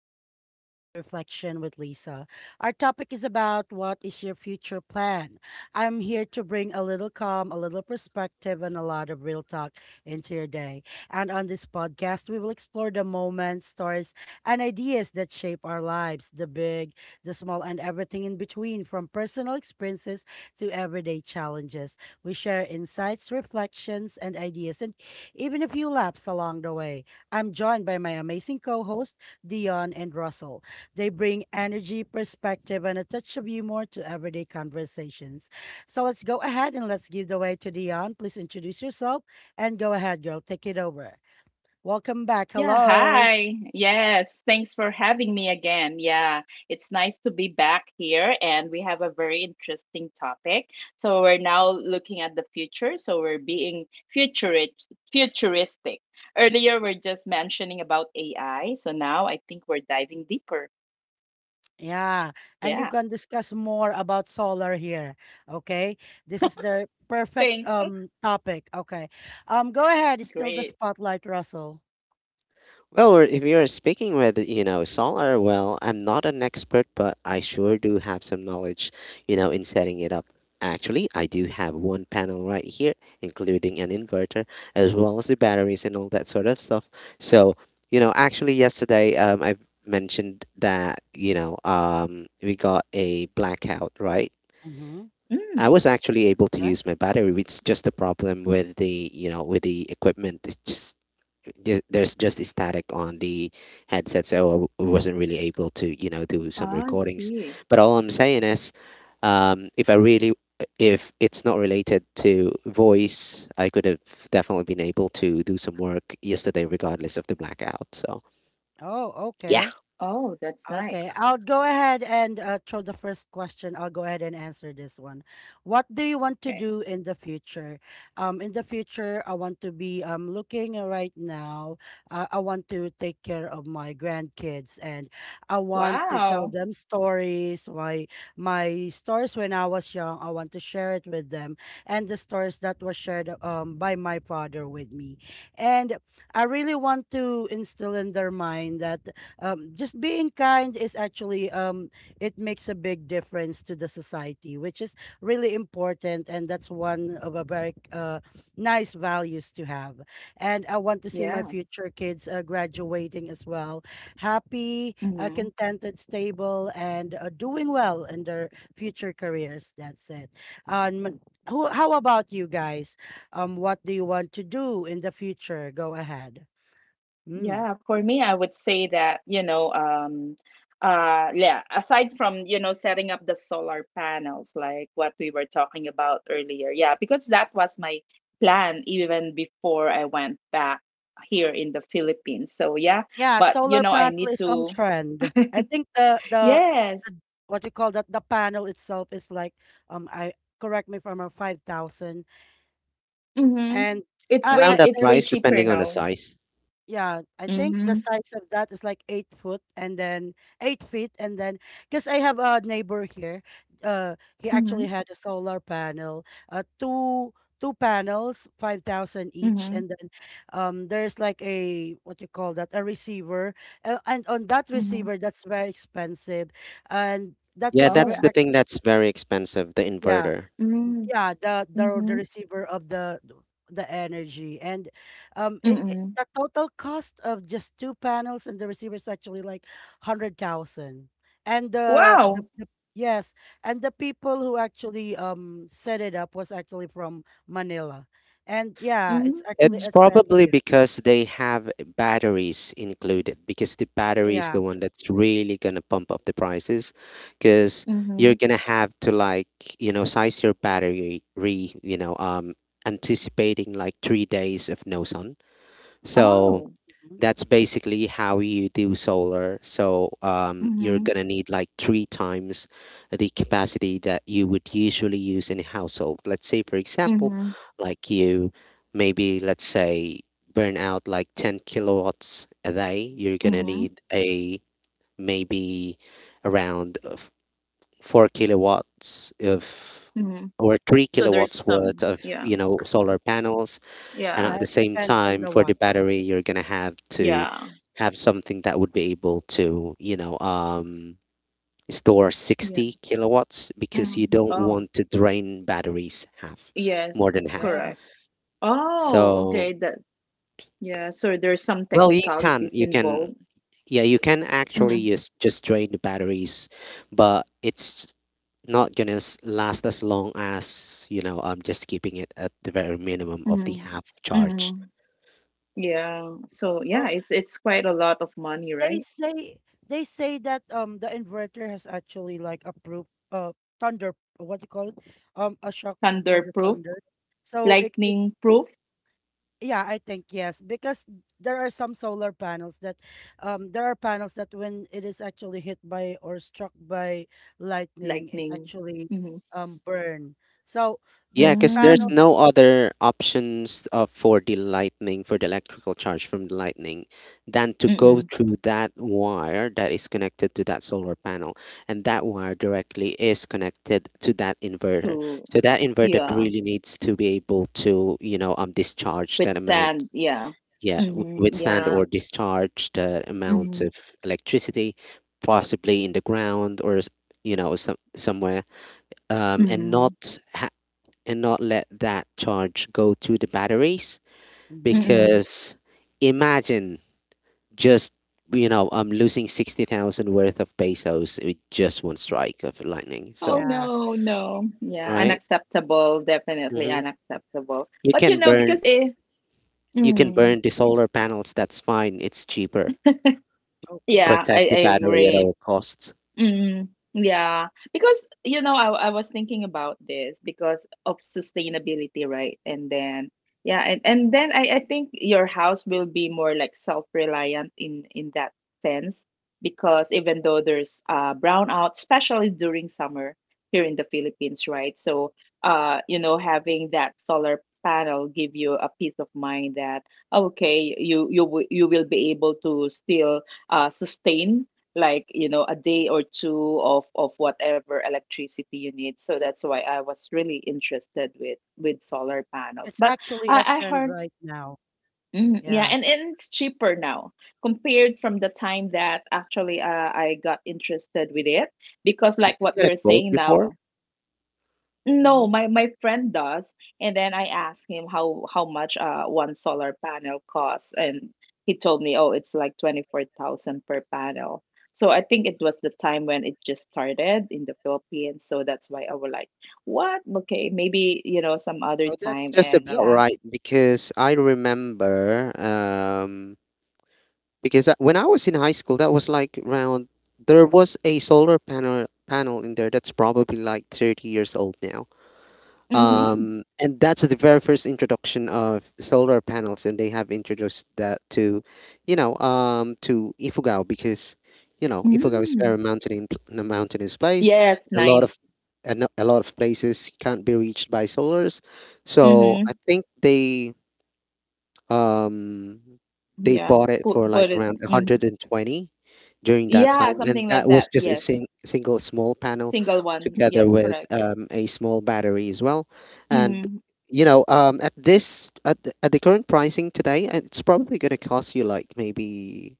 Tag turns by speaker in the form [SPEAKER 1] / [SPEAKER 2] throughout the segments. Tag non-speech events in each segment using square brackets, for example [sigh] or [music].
[SPEAKER 1] welcome to Everyday Reflection with Lisa. Our topic is about what is your future plan? I'm here to bring a little calm, a little perspective, and a lot of real talk into your day. And on this podcast, we will explore the moments, stories, and ideas that shape our lives the big, the small, and everything in between, from personal experiences to everyday challenges. We share insights, reflections, and ideas, and even a few laps along the way. I'm joined by my amazing co hosts, Dion and Russell. They bring energy, perspective, and a touch of humor to everyday conversations. So let's go ahead and let's give the way to Dion. Please introduce yourself and go ahead, girl. Take it over. Welcome back.
[SPEAKER 2] Yeah,
[SPEAKER 1] Hello.
[SPEAKER 2] hi. Yes, thanks for having me again. Yeah, it's nice to be back here, and we have a very interesting topic. So we're now looking at the future. So we're being futuristic. Earlier, we're just mentioning about AI. So now I think we're diving deeper.
[SPEAKER 1] Yeah. And you
[SPEAKER 2] Yeah,
[SPEAKER 1] can discuss more about solar here. Okay. This is the perfect
[SPEAKER 2] thanks. That's
[SPEAKER 1] topic. Okay. Go ahead. It's still the
[SPEAKER 2] great.
[SPEAKER 1] spotlight, Russell.
[SPEAKER 3] Well, or if you're speaking with, you know, solar, well, I'm not an expert, but I sure do have some knowledge, you know, in setting it up. Actually, I do have one panel right here, including an inverter, as well as the batteries and all that sort of stuff. So, you know, actually, yesterday, I mentioned that, you know, we got a blackout, right?
[SPEAKER 1] Mhm.
[SPEAKER 3] I
[SPEAKER 2] Mm,
[SPEAKER 3] was actually able to
[SPEAKER 1] Okay.
[SPEAKER 3] use my battery. It's just a problem with the you know with the equipment. It's just there's just a static on the headset, so I wasn't really able to you know do some
[SPEAKER 2] I
[SPEAKER 3] recordings.
[SPEAKER 2] see.
[SPEAKER 3] But all I'm saying is, if I really if it's not related to voice, I could have definitely been able to do some work yesterday, regardless of the blackout. So
[SPEAKER 1] Oh,
[SPEAKER 3] yeah,
[SPEAKER 1] okay.
[SPEAKER 2] Oh, that's nice.
[SPEAKER 1] Okay, I'll go ahead and throw the first question. I'll go ahead and answer this one. What do you want to
[SPEAKER 2] Okay.
[SPEAKER 1] do in the future? In the future, I want to be looking right now. I want to take care of my grandkids, and I want to
[SPEAKER 2] Wow.
[SPEAKER 1] tell them stories. My stories when I was young, I want to share it with them, and the stories that was shared by my father with me, and I really want to instill in their mind that just being kind is actually it makes a big difference to the society, which is really important, and that's one of a very nice values to have. And I want to see my
[SPEAKER 2] Yeah.
[SPEAKER 1] future kids graduating as well, happy,
[SPEAKER 2] Mm-hmm.
[SPEAKER 1] contented, stable, and doing well in their future careers. That's it. Um, how about you guys? What do you want to do in the future? Go ahead. Hmm.
[SPEAKER 2] Yeah, for me, I would say that, you know, yeah, aside from, you know, setting up the solar panels, like what we were talking about earlier, yeah, because that was my plan even before I went back here in the Philippines. So yeah,
[SPEAKER 1] Yeah,
[SPEAKER 2] but you
[SPEAKER 1] solar
[SPEAKER 2] know, I
[SPEAKER 1] panel
[SPEAKER 2] need
[SPEAKER 1] is on
[SPEAKER 2] to,
[SPEAKER 1] trend. I think the
[SPEAKER 2] yeah.
[SPEAKER 1] the, the what you call that the panel itself is like I correct me if I'm wrong, 5,000.
[SPEAKER 2] Mm-hmm.
[SPEAKER 1] And
[SPEAKER 2] It's
[SPEAKER 1] I
[SPEAKER 3] around
[SPEAKER 1] I
[SPEAKER 2] way
[SPEAKER 3] that
[SPEAKER 1] there
[SPEAKER 2] it's
[SPEAKER 1] is,
[SPEAKER 2] way
[SPEAKER 3] price,
[SPEAKER 2] cheaper
[SPEAKER 3] depending on
[SPEAKER 2] now.
[SPEAKER 3] the size.
[SPEAKER 1] yeah, I think the
[SPEAKER 2] Mm-hmm.
[SPEAKER 1] size of that is like 8 foot, and then 8 feet, and then because I have a neighbor here. He actually
[SPEAKER 2] Mm-hmm.
[SPEAKER 1] had a solar panel, uh, two panels, 5,000 each, and
[SPEAKER 2] Mm-hmm.
[SPEAKER 1] then there's like a what you call that a receiver, and on that
[SPEAKER 2] Mm-hmm.
[SPEAKER 1] receiver that's very expensive, and that
[SPEAKER 3] Yeah,
[SPEAKER 1] receiver,
[SPEAKER 3] that's
[SPEAKER 2] Oh.
[SPEAKER 3] the thing that's very expensive, the
[SPEAKER 1] yeah,
[SPEAKER 3] inverter.
[SPEAKER 2] Mm-hmm.
[SPEAKER 1] the
[SPEAKER 2] Mm-hmm.
[SPEAKER 1] receiver of the energy. And
[SPEAKER 2] Mm-hmm.
[SPEAKER 1] the total cost of just two panels and the receiver is actually like 100,000. And
[SPEAKER 2] Wow.
[SPEAKER 1] the yes and the people who actually set it up was actually from Manila, and yeah, it's actually
[SPEAKER 2] Mm-hmm.
[SPEAKER 3] It's
[SPEAKER 1] a trend
[SPEAKER 3] probably
[SPEAKER 1] here.
[SPEAKER 3] because they have batteries included, because the battery is
[SPEAKER 1] Yeah.
[SPEAKER 3] the one that's really gonna pump up the prices, because you're
[SPEAKER 2] Mm-hmm.
[SPEAKER 3] gonna have to like, you know, size your battery, you know, anticipating like 3 days of no sun. So
[SPEAKER 2] Oh.
[SPEAKER 1] Mhm.
[SPEAKER 3] that's basically how you do solar. So you're
[SPEAKER 2] Mhm,
[SPEAKER 3] gonna need like three times the capacity that you would usually use in a household. Let's say, for example,
[SPEAKER 2] mhm,
[SPEAKER 3] like you maybe let's say burn out like 10 kilowatts a day, you're gonna
[SPEAKER 2] mhm,
[SPEAKER 3] need a maybe around of four kilowatts of
[SPEAKER 2] mhm.
[SPEAKER 3] or three
[SPEAKER 2] So there's
[SPEAKER 3] kilowatts
[SPEAKER 2] some,
[SPEAKER 3] worth of
[SPEAKER 2] yeah,
[SPEAKER 3] you know
[SPEAKER 2] s-
[SPEAKER 3] solar panels, and
[SPEAKER 2] yeah,
[SPEAKER 1] Yeah,
[SPEAKER 3] at the
[SPEAKER 1] it
[SPEAKER 3] same
[SPEAKER 1] depends on
[SPEAKER 3] time,
[SPEAKER 1] the
[SPEAKER 3] for the
[SPEAKER 1] watts.
[SPEAKER 3] battery, you're gonna have to
[SPEAKER 2] yeah,
[SPEAKER 3] have something that would be able to, you know, store
[SPEAKER 2] yeah.
[SPEAKER 3] 60 kilowatts because you
[SPEAKER 2] Mm.
[SPEAKER 3] don't
[SPEAKER 2] Oh,
[SPEAKER 3] want to drain batteries half, more
[SPEAKER 2] yes,
[SPEAKER 3] than half.
[SPEAKER 2] correct. Oh,
[SPEAKER 3] So,
[SPEAKER 2] okay. Yeah. So there's some
[SPEAKER 3] well, you can,
[SPEAKER 2] technicalities involved.
[SPEAKER 3] yeah, you can actually
[SPEAKER 2] Mhm,
[SPEAKER 3] just drain the batteries, but it's not gonna last as long as, you know, just keeping it at the very minimum of the
[SPEAKER 2] mhm,
[SPEAKER 3] half charge.
[SPEAKER 2] mhm. Yeah. So yeah,
[SPEAKER 1] Okay,
[SPEAKER 2] it's quite a lot of money,
[SPEAKER 1] they
[SPEAKER 2] right?
[SPEAKER 1] say they say that the inverter has actually like approved thunder, what do you call it, a shock proof for
[SPEAKER 2] Thunder
[SPEAKER 1] the
[SPEAKER 2] proof,
[SPEAKER 1] thunder. So it
[SPEAKER 2] lightning proof,
[SPEAKER 1] yeah, I think, yes, because there are some solar panels that there are panels that when it is actually hit by or struck by lightning it
[SPEAKER 2] lightning.
[SPEAKER 1] actually
[SPEAKER 2] Mm-hmm.
[SPEAKER 1] burn. So
[SPEAKER 3] Yeah,
[SPEAKER 1] this
[SPEAKER 3] because there's
[SPEAKER 1] panel,
[SPEAKER 2] Mm.
[SPEAKER 3] no other options for the lightning, for the electrical charge from the lightning, than to go
[SPEAKER 2] Mm-mm.
[SPEAKER 3] through that wire that is connected to that solar panel. And that wire directly is connected to that inverter.
[SPEAKER 2] So
[SPEAKER 3] So that inverter
[SPEAKER 2] yeah,
[SPEAKER 3] really needs to be able to, you know, discharge that amount,
[SPEAKER 2] withstand. Yeah.
[SPEAKER 3] yeah,
[SPEAKER 2] Mm-hmm.
[SPEAKER 3] withstand
[SPEAKER 2] Yeah.
[SPEAKER 3] or discharge the amount
[SPEAKER 2] Mhm,
[SPEAKER 3] of electricity, possibly in the ground, you know, somewhere, um, and
[SPEAKER 2] mm,
[SPEAKER 3] not ha- and not let that charge go to the batteries,
[SPEAKER 1] hmm.
[SPEAKER 2] mm.
[SPEAKER 3] because imagine just you know losing 60,000 worth of pesos with just one strike of lightning.
[SPEAKER 2] Oh,
[SPEAKER 3] So
[SPEAKER 1] Yeah.
[SPEAKER 2] no, no. Yeah,
[SPEAKER 3] right,
[SPEAKER 2] unacceptable, definitely
[SPEAKER 3] hmm,
[SPEAKER 2] unacceptable.
[SPEAKER 3] you
[SPEAKER 2] But, you
[SPEAKER 3] can
[SPEAKER 2] know,
[SPEAKER 3] burn,
[SPEAKER 2] because
[SPEAKER 3] you can
[SPEAKER 2] mm,
[SPEAKER 3] burn the solar panels, that's fine, it's cheaper.
[SPEAKER 1] Okay.
[SPEAKER 2] yeah, I
[SPEAKER 3] Protect
[SPEAKER 2] I
[SPEAKER 3] the battery at
[SPEAKER 2] agree.
[SPEAKER 3] all costs.
[SPEAKER 2] Mm, yeah, because you know, I was thinking about this because of sustainability, right? And then yeah, and then I think your house will be more like self-reliant in that sense because even though there's brownout, especially during summer here in the Philippines, right? So having that solar panel give you a peace of mind that okay, you will be able to still sustain, like you know, a day or two of whatever electricity you need. So that's why I was really interested with solar panels,
[SPEAKER 1] It's
[SPEAKER 2] but
[SPEAKER 1] actually a
[SPEAKER 2] I
[SPEAKER 1] trend
[SPEAKER 2] heard.
[SPEAKER 1] right now.
[SPEAKER 2] Mhm. Yeah,
[SPEAKER 1] Yeah.
[SPEAKER 2] and it's cheaper now compared from the time that actually, I got interested with it, because
[SPEAKER 3] Did
[SPEAKER 2] like
[SPEAKER 3] you
[SPEAKER 2] what
[SPEAKER 3] get a
[SPEAKER 2] you're
[SPEAKER 3] quote
[SPEAKER 2] saying
[SPEAKER 3] before?
[SPEAKER 2] now. No,
[SPEAKER 1] Mm-hmm.
[SPEAKER 2] my friend does. And then I asked him how much one solar panel costs, and he told me, oh, it's like 24,000 per panel. So I think it was the time when it just started in the Philippines. So that's why I was like, what? Okay, maybe, you know, some other
[SPEAKER 3] Oh, that's
[SPEAKER 2] time.
[SPEAKER 3] just
[SPEAKER 2] And
[SPEAKER 3] about
[SPEAKER 2] yeah.
[SPEAKER 3] right, because I remember because when I was in high school, that was like around, there was a solar panel in there that's probably like 30 years old now.
[SPEAKER 1] Ooh.
[SPEAKER 2] Mm-hmm.
[SPEAKER 3] And that's the very first introduction of solar panels, and they have introduced that to, you know, to Ifugao because, you know, Ifugao is
[SPEAKER 2] Mm.
[SPEAKER 3] very a mountainous place.
[SPEAKER 2] Yes,
[SPEAKER 3] A lot
[SPEAKER 2] nice.
[SPEAKER 3] of a lot of places can't be reached by solars, so
[SPEAKER 2] Mm-hmm.
[SPEAKER 3] I think um they
[SPEAKER 2] Yeah.
[SPEAKER 3] bought it
[SPEAKER 2] Put
[SPEAKER 3] for like
[SPEAKER 2] put it.
[SPEAKER 3] around
[SPEAKER 2] Mhm.
[SPEAKER 3] 120 during that
[SPEAKER 2] Yeah,
[SPEAKER 3] time, and
[SPEAKER 2] something
[SPEAKER 3] that
[SPEAKER 2] like
[SPEAKER 3] was
[SPEAKER 2] that.
[SPEAKER 3] just a
[SPEAKER 2] Yes.
[SPEAKER 3] single small panel
[SPEAKER 2] Single one.
[SPEAKER 3] together
[SPEAKER 2] Yes,
[SPEAKER 3] with
[SPEAKER 2] correct.
[SPEAKER 3] a small battery as well, and
[SPEAKER 2] Mm-hmm.
[SPEAKER 3] you know at the current pricing today it's probably going to cost you like maybe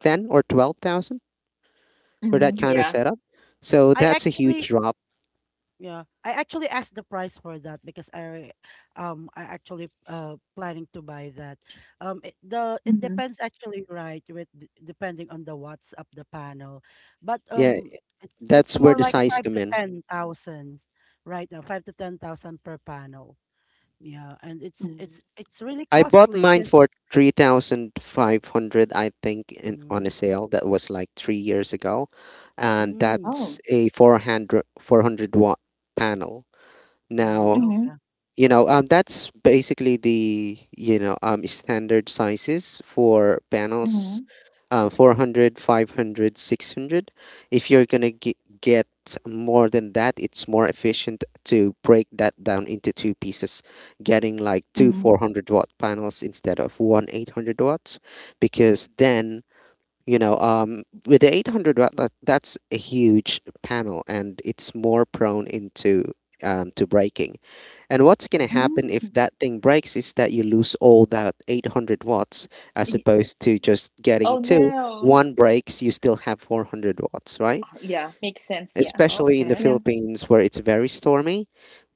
[SPEAKER 3] 10 or 12,000 for
[SPEAKER 2] Mm-hmm.
[SPEAKER 3] that kind of
[SPEAKER 2] Yeah.
[SPEAKER 3] setup, so
[SPEAKER 1] I
[SPEAKER 3] that's a huge
[SPEAKER 1] actually,
[SPEAKER 3] drop.
[SPEAKER 1] yeah, I actually asked the price for that because I actually planning to buy that.
[SPEAKER 2] Mhm.
[SPEAKER 1] It depends actually, right? Depending on the watts of the panel, but
[SPEAKER 3] Yeah,
[SPEAKER 1] it's
[SPEAKER 3] that's where
[SPEAKER 1] more
[SPEAKER 3] the
[SPEAKER 1] like
[SPEAKER 3] size
[SPEAKER 1] five
[SPEAKER 3] come
[SPEAKER 1] to
[SPEAKER 3] in.
[SPEAKER 1] ten thousands, right? Now 5 to 10 thousand per panel. Yeah, and it's
[SPEAKER 2] Mm.
[SPEAKER 1] it's it's really
[SPEAKER 3] I bought
[SPEAKER 1] costly
[SPEAKER 3] mine
[SPEAKER 1] because.
[SPEAKER 3] for 3,500 I think, in, on a
[SPEAKER 1] Mm,
[SPEAKER 3] sale that was like 3 years ago, and
[SPEAKER 1] mm,
[SPEAKER 2] Oh.
[SPEAKER 3] that's a 400 watt panel. Now
[SPEAKER 2] Mhm,
[SPEAKER 1] okay.
[SPEAKER 3] you know that's basically the you know standard sizes for
[SPEAKER 2] mhm,
[SPEAKER 3] panels 400, 500, 600. If you're gonna get more than that, it's more efficient to break that down into two pieces, getting like two
[SPEAKER 2] mhm,
[SPEAKER 3] 400-watt panels instead of one 800 watts, because then you know with the 800 watt, that's a huge panel and it's more prone into to breaking. And what's going to
[SPEAKER 1] Mm-hmm.
[SPEAKER 3] happen
[SPEAKER 2] mhm.
[SPEAKER 3] if that thing breaks is that you lose all that 800 watts, as
[SPEAKER 2] Y
[SPEAKER 3] opposed to just getting
[SPEAKER 2] Oh,
[SPEAKER 3] two.
[SPEAKER 2] no.
[SPEAKER 3] One breaks, you still have 400 watts, right?
[SPEAKER 2] Ah, yeah, makes sense, yeah.
[SPEAKER 3] Especially in the
[SPEAKER 1] Okay.
[SPEAKER 2] Yeah.
[SPEAKER 3] Philippines where it's very stormy.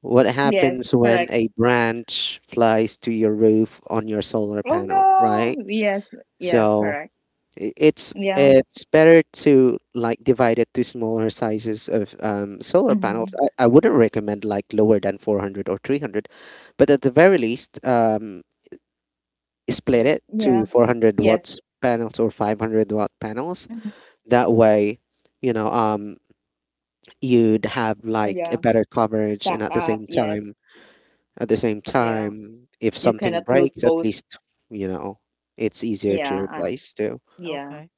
[SPEAKER 3] What
[SPEAKER 2] Yes,
[SPEAKER 3] happens when
[SPEAKER 2] correct.
[SPEAKER 3] a branch flies to your roof on your solar
[SPEAKER 2] Oh,
[SPEAKER 3] panel, right?
[SPEAKER 2] no. Yes, yeah,
[SPEAKER 3] So
[SPEAKER 2] correct.
[SPEAKER 3] It's
[SPEAKER 2] Yeah.
[SPEAKER 3] it's better to like divide it to smaller sizes of solar panels.
[SPEAKER 2] Mhm.
[SPEAKER 3] I wouldn't recommend like lower than 400 or 300, but at the very least, split
[SPEAKER 1] Mm-hmm.
[SPEAKER 3] it
[SPEAKER 2] Yeah.
[SPEAKER 3] to 400 watts
[SPEAKER 2] Yes.
[SPEAKER 3] panels or 500-watt panels.
[SPEAKER 2] Mhm.
[SPEAKER 3] That way, you know, you'd have like
[SPEAKER 2] Yeah.
[SPEAKER 3] a better coverage,
[SPEAKER 2] Back
[SPEAKER 3] and at the
[SPEAKER 2] up.
[SPEAKER 3] same
[SPEAKER 2] Yes.
[SPEAKER 3] time, at the same
[SPEAKER 2] Yeah.
[SPEAKER 3] time, if
[SPEAKER 2] You
[SPEAKER 3] something
[SPEAKER 2] cannot lose
[SPEAKER 3] breaks, at
[SPEAKER 2] both.
[SPEAKER 3] least, you know, it's easier
[SPEAKER 2] Yeah.
[SPEAKER 3] to
[SPEAKER 1] Mm-hmm.
[SPEAKER 3] replace too.
[SPEAKER 2] Yeah.
[SPEAKER 1] Okay.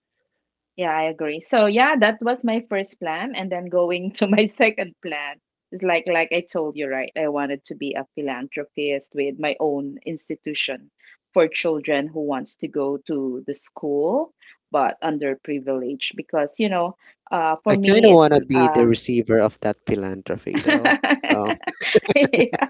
[SPEAKER 2] Yeah, I agree. So yeah, that was my first plan, and then going [laughs] to my second plan is like I told you, right? I wanted to be a philanthropist with my own institution for children who wants to go to the school, but underprivileged, because you know, for
[SPEAKER 3] I kind of
[SPEAKER 2] me.
[SPEAKER 3] want to be the receiver of that philanthropy, though. So,
[SPEAKER 2] [laughs] Yeah.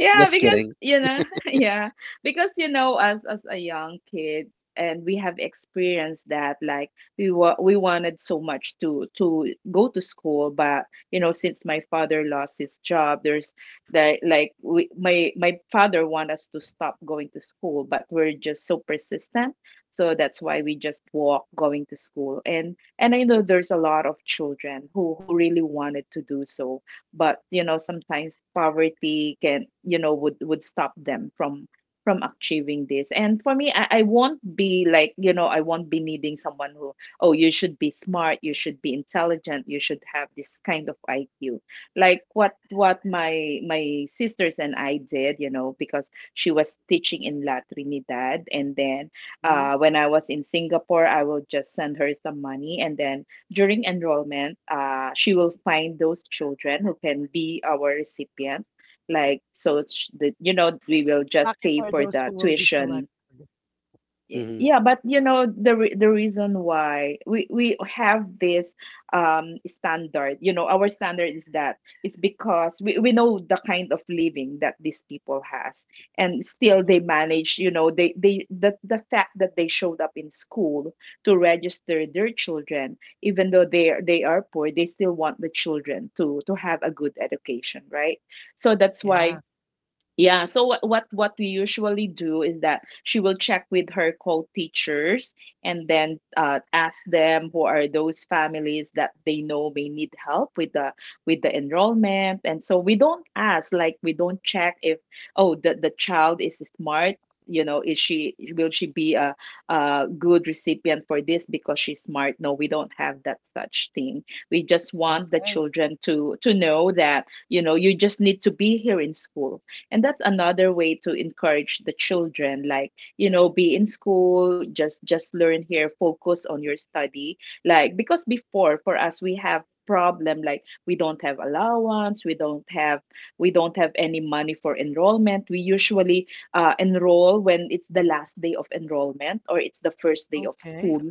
[SPEAKER 2] Yeah,
[SPEAKER 3] just
[SPEAKER 2] because
[SPEAKER 3] kidding.
[SPEAKER 2] you know, [laughs] yeah, because you know, us as a young kid, and we have experienced that. Like we wanted so much to go to school, but you know, since my father lost his job, there's the like we my father want us to stop going to school, but we're just so persistent, so that's why we just walk going to school. And I know there's a lot of children who really wanted to do so, but you know sometimes poverty can, you know, would stop them from achieving this. And for me, I won't be like, you know, I won't be needing someone who, oh you should be smart, you should be intelligent, you should have this kind of IQ, like what my sisters and I did, you know, because she was teaching in La Trinidad, and then
[SPEAKER 1] Mm-hmm.
[SPEAKER 2] when I was in Singapore, I will just send her some money, and then during enrollment, she will find those children who can be our recipient. Like, so it's we will just
[SPEAKER 1] Lucky
[SPEAKER 2] pay
[SPEAKER 1] for
[SPEAKER 2] for
[SPEAKER 1] those
[SPEAKER 2] the
[SPEAKER 1] who will be
[SPEAKER 2] tuition.
[SPEAKER 1] selected.
[SPEAKER 2] Y-
[SPEAKER 3] Hmm.
[SPEAKER 2] Yeah, but you know the the reason why we have this standard, you know, our standard is that it's because we know the kind of living that these people has, and still they
[SPEAKER 1] Hmm.
[SPEAKER 2] manage, you know, the fact that they showed up in school to register their children, even though they are poor, they still want the children to have a good education, right? So that's why,
[SPEAKER 1] Yeah.
[SPEAKER 2] yeah, so what we usually do is that she will check with her co-teachers, and then ask them who are those families that they know may need help with the enrollment. And so we don't ask like we don't check if, oh the child is smart, you know, is she will she be a good recipient for this because she's smart? No, we don't have that such thing. We just want the
[SPEAKER 1] Okay.
[SPEAKER 2] children to know that, you know, you just need to be here in school, and that's another way to encourage the children, like, you know, be in school, just learn here, focus on your study. Like because before, for us, we have problem like we don't have allowance, we don't have any money for enrollment. We usually enroll when it's the last day of enrollment or it's the first day of
[SPEAKER 1] Okay.
[SPEAKER 2] school,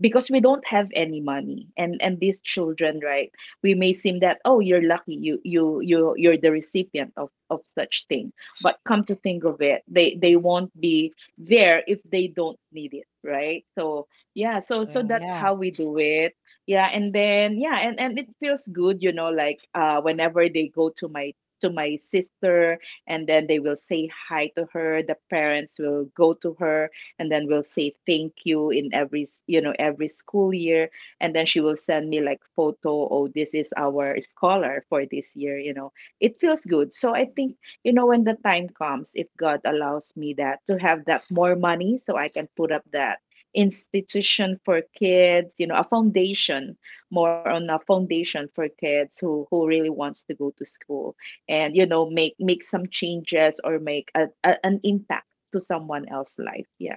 [SPEAKER 2] because we don't have any money. And these children, right, we may seem that, oh you're lucky, you're the recipient of such thing, but come to think of it, they won't be there if they don't need it, right? So yeah, so
[SPEAKER 1] Yeah,
[SPEAKER 2] that's how
[SPEAKER 1] yes.
[SPEAKER 2] we do it. Yeah, and then, yeah, and it feels good, you know, like whenever they go to my sister, and then they will say hi to her, the parents will go to her, and then will say thank you in every s- you know every school year. And then she will send me like photo, oh this is our scholar for this year, you know, it feels good. So I think, you know, when the time comes, if God allows me that to have that more money, so I can put up that institution for kids, you know, a foundation, more on a foundation for kids who really wants to go to school, and, you know, make some changes or make an impact to someone else's life. Yeah,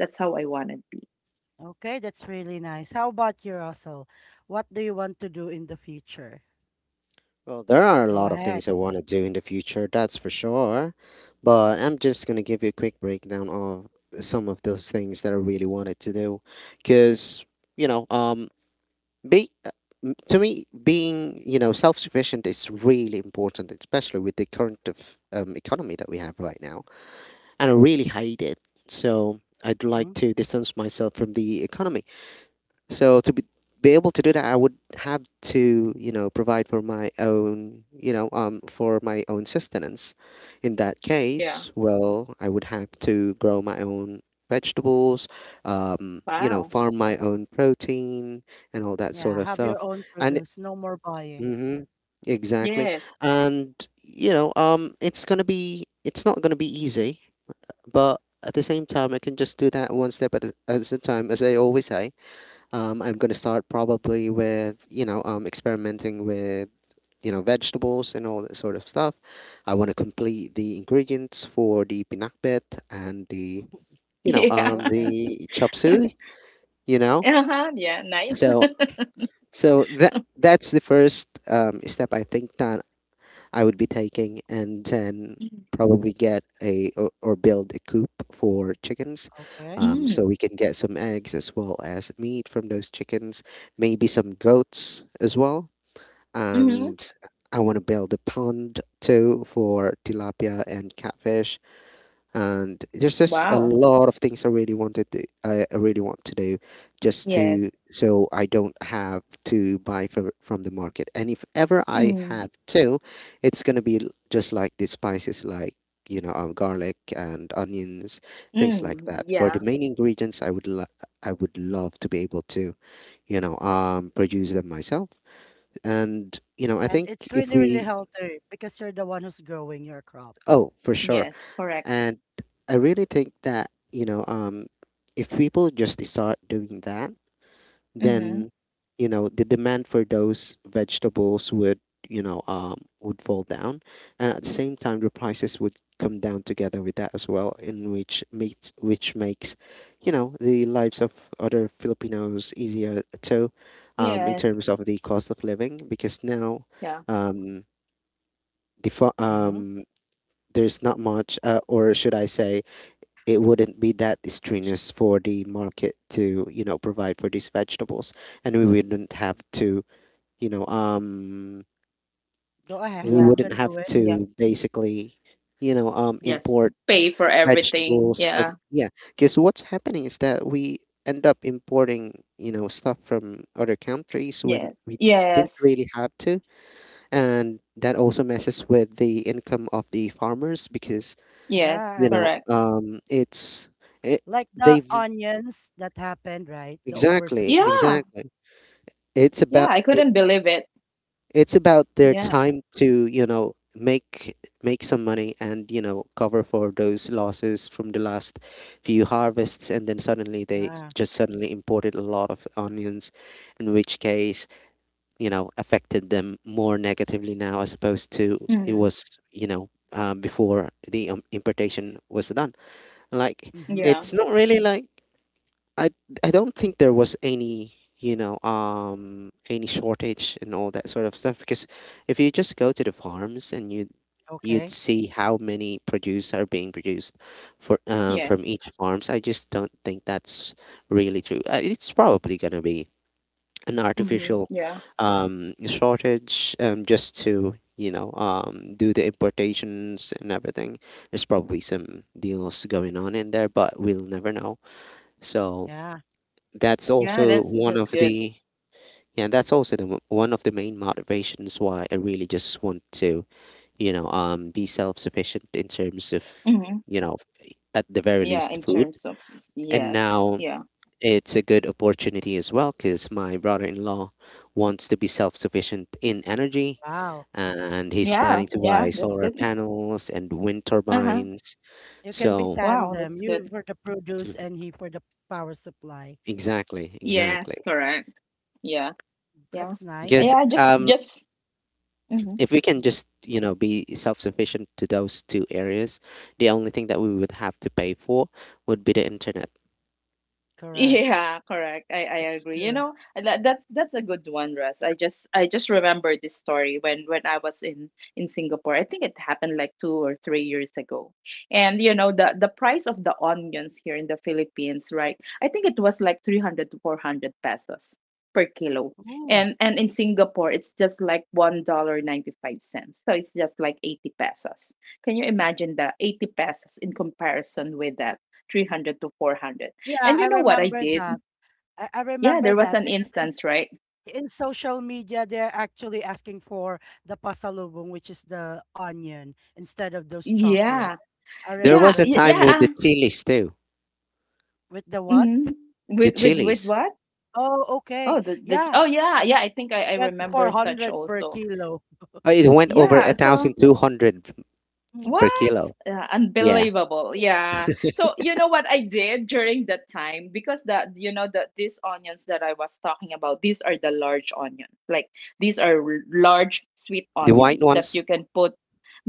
[SPEAKER 2] that's how I want to be.
[SPEAKER 1] Okay, that's really nice. How about you, Russell? What do you want to do in the future?
[SPEAKER 3] Well, there are a
[SPEAKER 1] Go
[SPEAKER 3] lot of
[SPEAKER 1] ahead.
[SPEAKER 3] things I want to do in the future, that's for sure. But I'm just going to give you a quick breakdown of some of those things that I really wanted to do. Because, you know, Be, uh, to me, being you know self sufficient is really important, especially with the current of economy that we have right now. And I really hate it, so I'd like
[SPEAKER 1] Mm?
[SPEAKER 3] to distance myself from the economy. So to be able to do that, I would have to, you know, provide for my own, you know, for my own sustenance. In that
[SPEAKER 2] Yeah.
[SPEAKER 3] case, well, I would have to grow my own vegetables, you know,
[SPEAKER 2] Wow.
[SPEAKER 3] farm my own protein and all that sort
[SPEAKER 1] Yeah,
[SPEAKER 3] of
[SPEAKER 1] have your
[SPEAKER 3] stuff.
[SPEAKER 1] own
[SPEAKER 3] And
[SPEAKER 1] produce. No more buying.
[SPEAKER 3] mm-hmm, exactly.
[SPEAKER 2] Yes.
[SPEAKER 3] And you know, it's not gonna be easy, but at the same time, I can just do that one step at at a time, as I always say I'm gonna start probably with you know experimenting with you know vegetables and all that sort of stuff. I want to complete the ingredients for the pinakbet and the you know
[SPEAKER 2] Yeah. [laughs]
[SPEAKER 1] Okay.
[SPEAKER 3] the chop suey. You know,
[SPEAKER 2] Uh-huh. Yeah. Nice.
[SPEAKER 3] so so that's the first step I think that I would be taking, and then
[SPEAKER 2] [laughs]
[SPEAKER 3] probably get a or build a coop for chickens,
[SPEAKER 1] Okay.
[SPEAKER 2] Mm.
[SPEAKER 3] so we can get some eggs as well as meat from those chickens, maybe some goats as well,
[SPEAKER 2] Mm-hmm.
[SPEAKER 3] and I want to build a pond too for tilapia and catfish, and there's just a
[SPEAKER 2] Wow.
[SPEAKER 3] lot of things I really wanted to, I really want to do, just to,
[SPEAKER 2] Yes.
[SPEAKER 3] so I don't have to buy from the market. And if ever I
[SPEAKER 2] Mm.
[SPEAKER 3] have to, it's gonna be just like the spices like you know garlic and onions, things like
[SPEAKER 2] Mm.
[SPEAKER 3] that. For the
[SPEAKER 2] Yeah.
[SPEAKER 3] main ingredients, I would love to be able to you know produce them myself. And you know I
[SPEAKER 1] And
[SPEAKER 3] think
[SPEAKER 1] it's
[SPEAKER 3] if
[SPEAKER 1] really, really
[SPEAKER 3] we
[SPEAKER 1] healthy because you're the one who's growing your crop.
[SPEAKER 3] oh for sure.
[SPEAKER 2] Yes. Correct.
[SPEAKER 3] And I really think that, you know, if people just start doing that,
[SPEAKER 2] Mm-hmm.
[SPEAKER 3] then, you know, the demand for those vegetables would, you know, would fall down. And at the same time, the prices would come down together with that as well, which makes, you know, the lives of other Filipinos easier too, in
[SPEAKER 2] Yes.
[SPEAKER 3] terms of the cost of living, because now,
[SPEAKER 2] Yeah.
[SPEAKER 3] um, the, fa-
[SPEAKER 1] Mm-hmm.
[SPEAKER 3] um, there's not much, or should I say, it wouldn't be that strenuous for the market to you know provide for these vegetables, and we wouldn't have to you know um,
[SPEAKER 1] Go ahead,
[SPEAKER 3] we
[SPEAKER 2] Yeah.
[SPEAKER 1] you
[SPEAKER 3] wouldn't
[SPEAKER 1] can
[SPEAKER 3] have
[SPEAKER 1] do it.
[SPEAKER 2] Yeah.
[SPEAKER 3] to basically you know
[SPEAKER 2] Yes.
[SPEAKER 3] import
[SPEAKER 2] Pay for everything.
[SPEAKER 3] vegetables from
[SPEAKER 2] Yeah.
[SPEAKER 3] yeah, because what's happening is that we end up importing you know stuff from other countries when
[SPEAKER 2] Yes.
[SPEAKER 3] we didn't
[SPEAKER 2] Yes.
[SPEAKER 3] really have to. And that also messes with the income of the farmers because
[SPEAKER 2] Yes.
[SPEAKER 1] Yeah,
[SPEAKER 3] you know
[SPEAKER 1] and
[SPEAKER 2] Correct.
[SPEAKER 3] it,
[SPEAKER 1] like the
[SPEAKER 3] they've
[SPEAKER 1] onions that happened, right? The
[SPEAKER 3] exactly,
[SPEAKER 1] oversupply.
[SPEAKER 2] Yeah.
[SPEAKER 3] exactly. It's
[SPEAKER 2] Yeah.
[SPEAKER 3] about
[SPEAKER 2] I
[SPEAKER 3] it,
[SPEAKER 2] couldn't believe it.
[SPEAKER 3] it's about
[SPEAKER 1] Mm.
[SPEAKER 3] their
[SPEAKER 2] Yeah.
[SPEAKER 3] time to, you know, make some money and, you know, cover for those losses from the last few harvests, and then suddenly they s-
[SPEAKER 1] Yeah.
[SPEAKER 3] just suddenly imported a lot of onions, in which case, you know, affected them more negatively now as opposed to it
[SPEAKER 2] Mm.
[SPEAKER 3] was, you know, before the importation was done. Like
[SPEAKER 1] Mm-hmm.
[SPEAKER 2] Yeah.
[SPEAKER 3] it's not really like I I don't
[SPEAKER 1] Mm.
[SPEAKER 3] think there was any any shortage and all that sort of stuff, because if you just go to the farms and you'd
[SPEAKER 1] Okay.
[SPEAKER 3] see how many produce are being produced for
[SPEAKER 2] Yes.
[SPEAKER 3] from each farms. I just don't think that's really true. It's probably gonna be an
[SPEAKER 2] Mm-hmm.
[SPEAKER 3] artificial
[SPEAKER 2] Yeah.
[SPEAKER 3] shortage, just to do the importations and everything. There's probably some deals going on in there, but we'll never know, so
[SPEAKER 1] Yeah.
[SPEAKER 3] that's
[SPEAKER 2] Yeah.
[SPEAKER 3] also
[SPEAKER 2] That's
[SPEAKER 3] one of
[SPEAKER 2] that's good.
[SPEAKER 3] the— yeah, that's also the one of the main motivations why I really just want to, be self-sufficient in terms of,
[SPEAKER 2] Mm-hmm.
[SPEAKER 3] you know, at the very
[SPEAKER 2] Yeah.
[SPEAKER 3] least,
[SPEAKER 2] In
[SPEAKER 3] food.
[SPEAKER 2] terms of,
[SPEAKER 3] And
[SPEAKER 2] yes.
[SPEAKER 3] now
[SPEAKER 2] Yeah.
[SPEAKER 3] it's a good opportunity as well, because my brother-in-law wants to be self-sufficient in energy,
[SPEAKER 1] Wow.
[SPEAKER 3] and he's
[SPEAKER 2] Yeah.
[SPEAKER 3] planning to
[SPEAKER 2] Yeah.
[SPEAKER 3] buy
[SPEAKER 2] That's
[SPEAKER 3] solar
[SPEAKER 2] good. [laughs]
[SPEAKER 3] panels and wind
[SPEAKER 2] Uh-huh.
[SPEAKER 3] turbines.
[SPEAKER 1] You can be
[SPEAKER 3] So,
[SPEAKER 2] Wow,
[SPEAKER 1] tandem.
[SPEAKER 2] that's
[SPEAKER 1] You
[SPEAKER 2] good.
[SPEAKER 1] for the produce
[SPEAKER 3] mm,
[SPEAKER 1] and he for the power supply.
[SPEAKER 3] exactly,
[SPEAKER 2] Yes,
[SPEAKER 3] exactly.
[SPEAKER 2] correct. Yeah, yeah.
[SPEAKER 1] That's nice.
[SPEAKER 3] Because
[SPEAKER 2] Yeah, just just mhm.
[SPEAKER 3] if we can
[SPEAKER 1] Hmm.
[SPEAKER 3] just, you know, be self-sufficient to those two areas, the only thing that we would have to pay for would be the internet.
[SPEAKER 1] Correct.
[SPEAKER 2] Yeah, correct. I
[SPEAKER 1] That's
[SPEAKER 2] agree. You
[SPEAKER 1] true.
[SPEAKER 2] know, that's a good one, Russ. I just remember this story when when I was in Singapore. I think it happened like 2 or 3 years ago. And you know, the price of the onions here in the Philippines, right? I think it was like 300 to 400 pesos per kilo.
[SPEAKER 1] Ooh.
[SPEAKER 2] And in Singapore, it's just like $1.95. So it's just like 80 pesos. Can you imagine that? 80 pesos in comparison with that 300 to 400?
[SPEAKER 1] Yeah,
[SPEAKER 2] And you
[SPEAKER 1] I
[SPEAKER 2] know what I
[SPEAKER 1] remember
[SPEAKER 2] did?
[SPEAKER 1] that. I
[SPEAKER 2] Yeah,
[SPEAKER 1] remember
[SPEAKER 2] there was
[SPEAKER 1] that
[SPEAKER 2] an
[SPEAKER 1] because
[SPEAKER 2] instance, right?
[SPEAKER 1] in social media, they're actually asking for the pasalubong, which is the onion, instead of those chocolates.
[SPEAKER 2] Yeah,
[SPEAKER 1] I
[SPEAKER 3] There
[SPEAKER 2] yeah,
[SPEAKER 3] was a
[SPEAKER 1] remember
[SPEAKER 2] y-
[SPEAKER 1] that.
[SPEAKER 3] time with the
[SPEAKER 2] yeah.
[SPEAKER 3] chilies too.
[SPEAKER 1] With the what?
[SPEAKER 2] Mhm. With
[SPEAKER 3] The
[SPEAKER 2] with with
[SPEAKER 3] chilies.
[SPEAKER 2] what?
[SPEAKER 1] Oh, okay.
[SPEAKER 2] Oh, the the.
[SPEAKER 1] Yeah,
[SPEAKER 2] Oh yeah, yeah. I think I
[SPEAKER 1] it
[SPEAKER 2] I
[SPEAKER 1] went to
[SPEAKER 2] remember
[SPEAKER 3] Yeah.
[SPEAKER 2] such
[SPEAKER 1] 400 per
[SPEAKER 2] also.
[SPEAKER 1] kilo. [laughs]
[SPEAKER 3] Oh, it went
[SPEAKER 1] Oh,
[SPEAKER 3] over
[SPEAKER 1] yeah.
[SPEAKER 3] a
[SPEAKER 2] Yeah.
[SPEAKER 3] thousand
[SPEAKER 2] So
[SPEAKER 3] two hundred
[SPEAKER 1] Mm.
[SPEAKER 3] per
[SPEAKER 2] what?
[SPEAKER 3] kilo. Yeah,
[SPEAKER 2] Unbelievable. Yeah. So you know what I did during that time, because these onions that I was talking about, these are the large onions. Like these are large sweet
[SPEAKER 3] the white
[SPEAKER 2] onions that
[SPEAKER 3] ones.
[SPEAKER 2] you can put.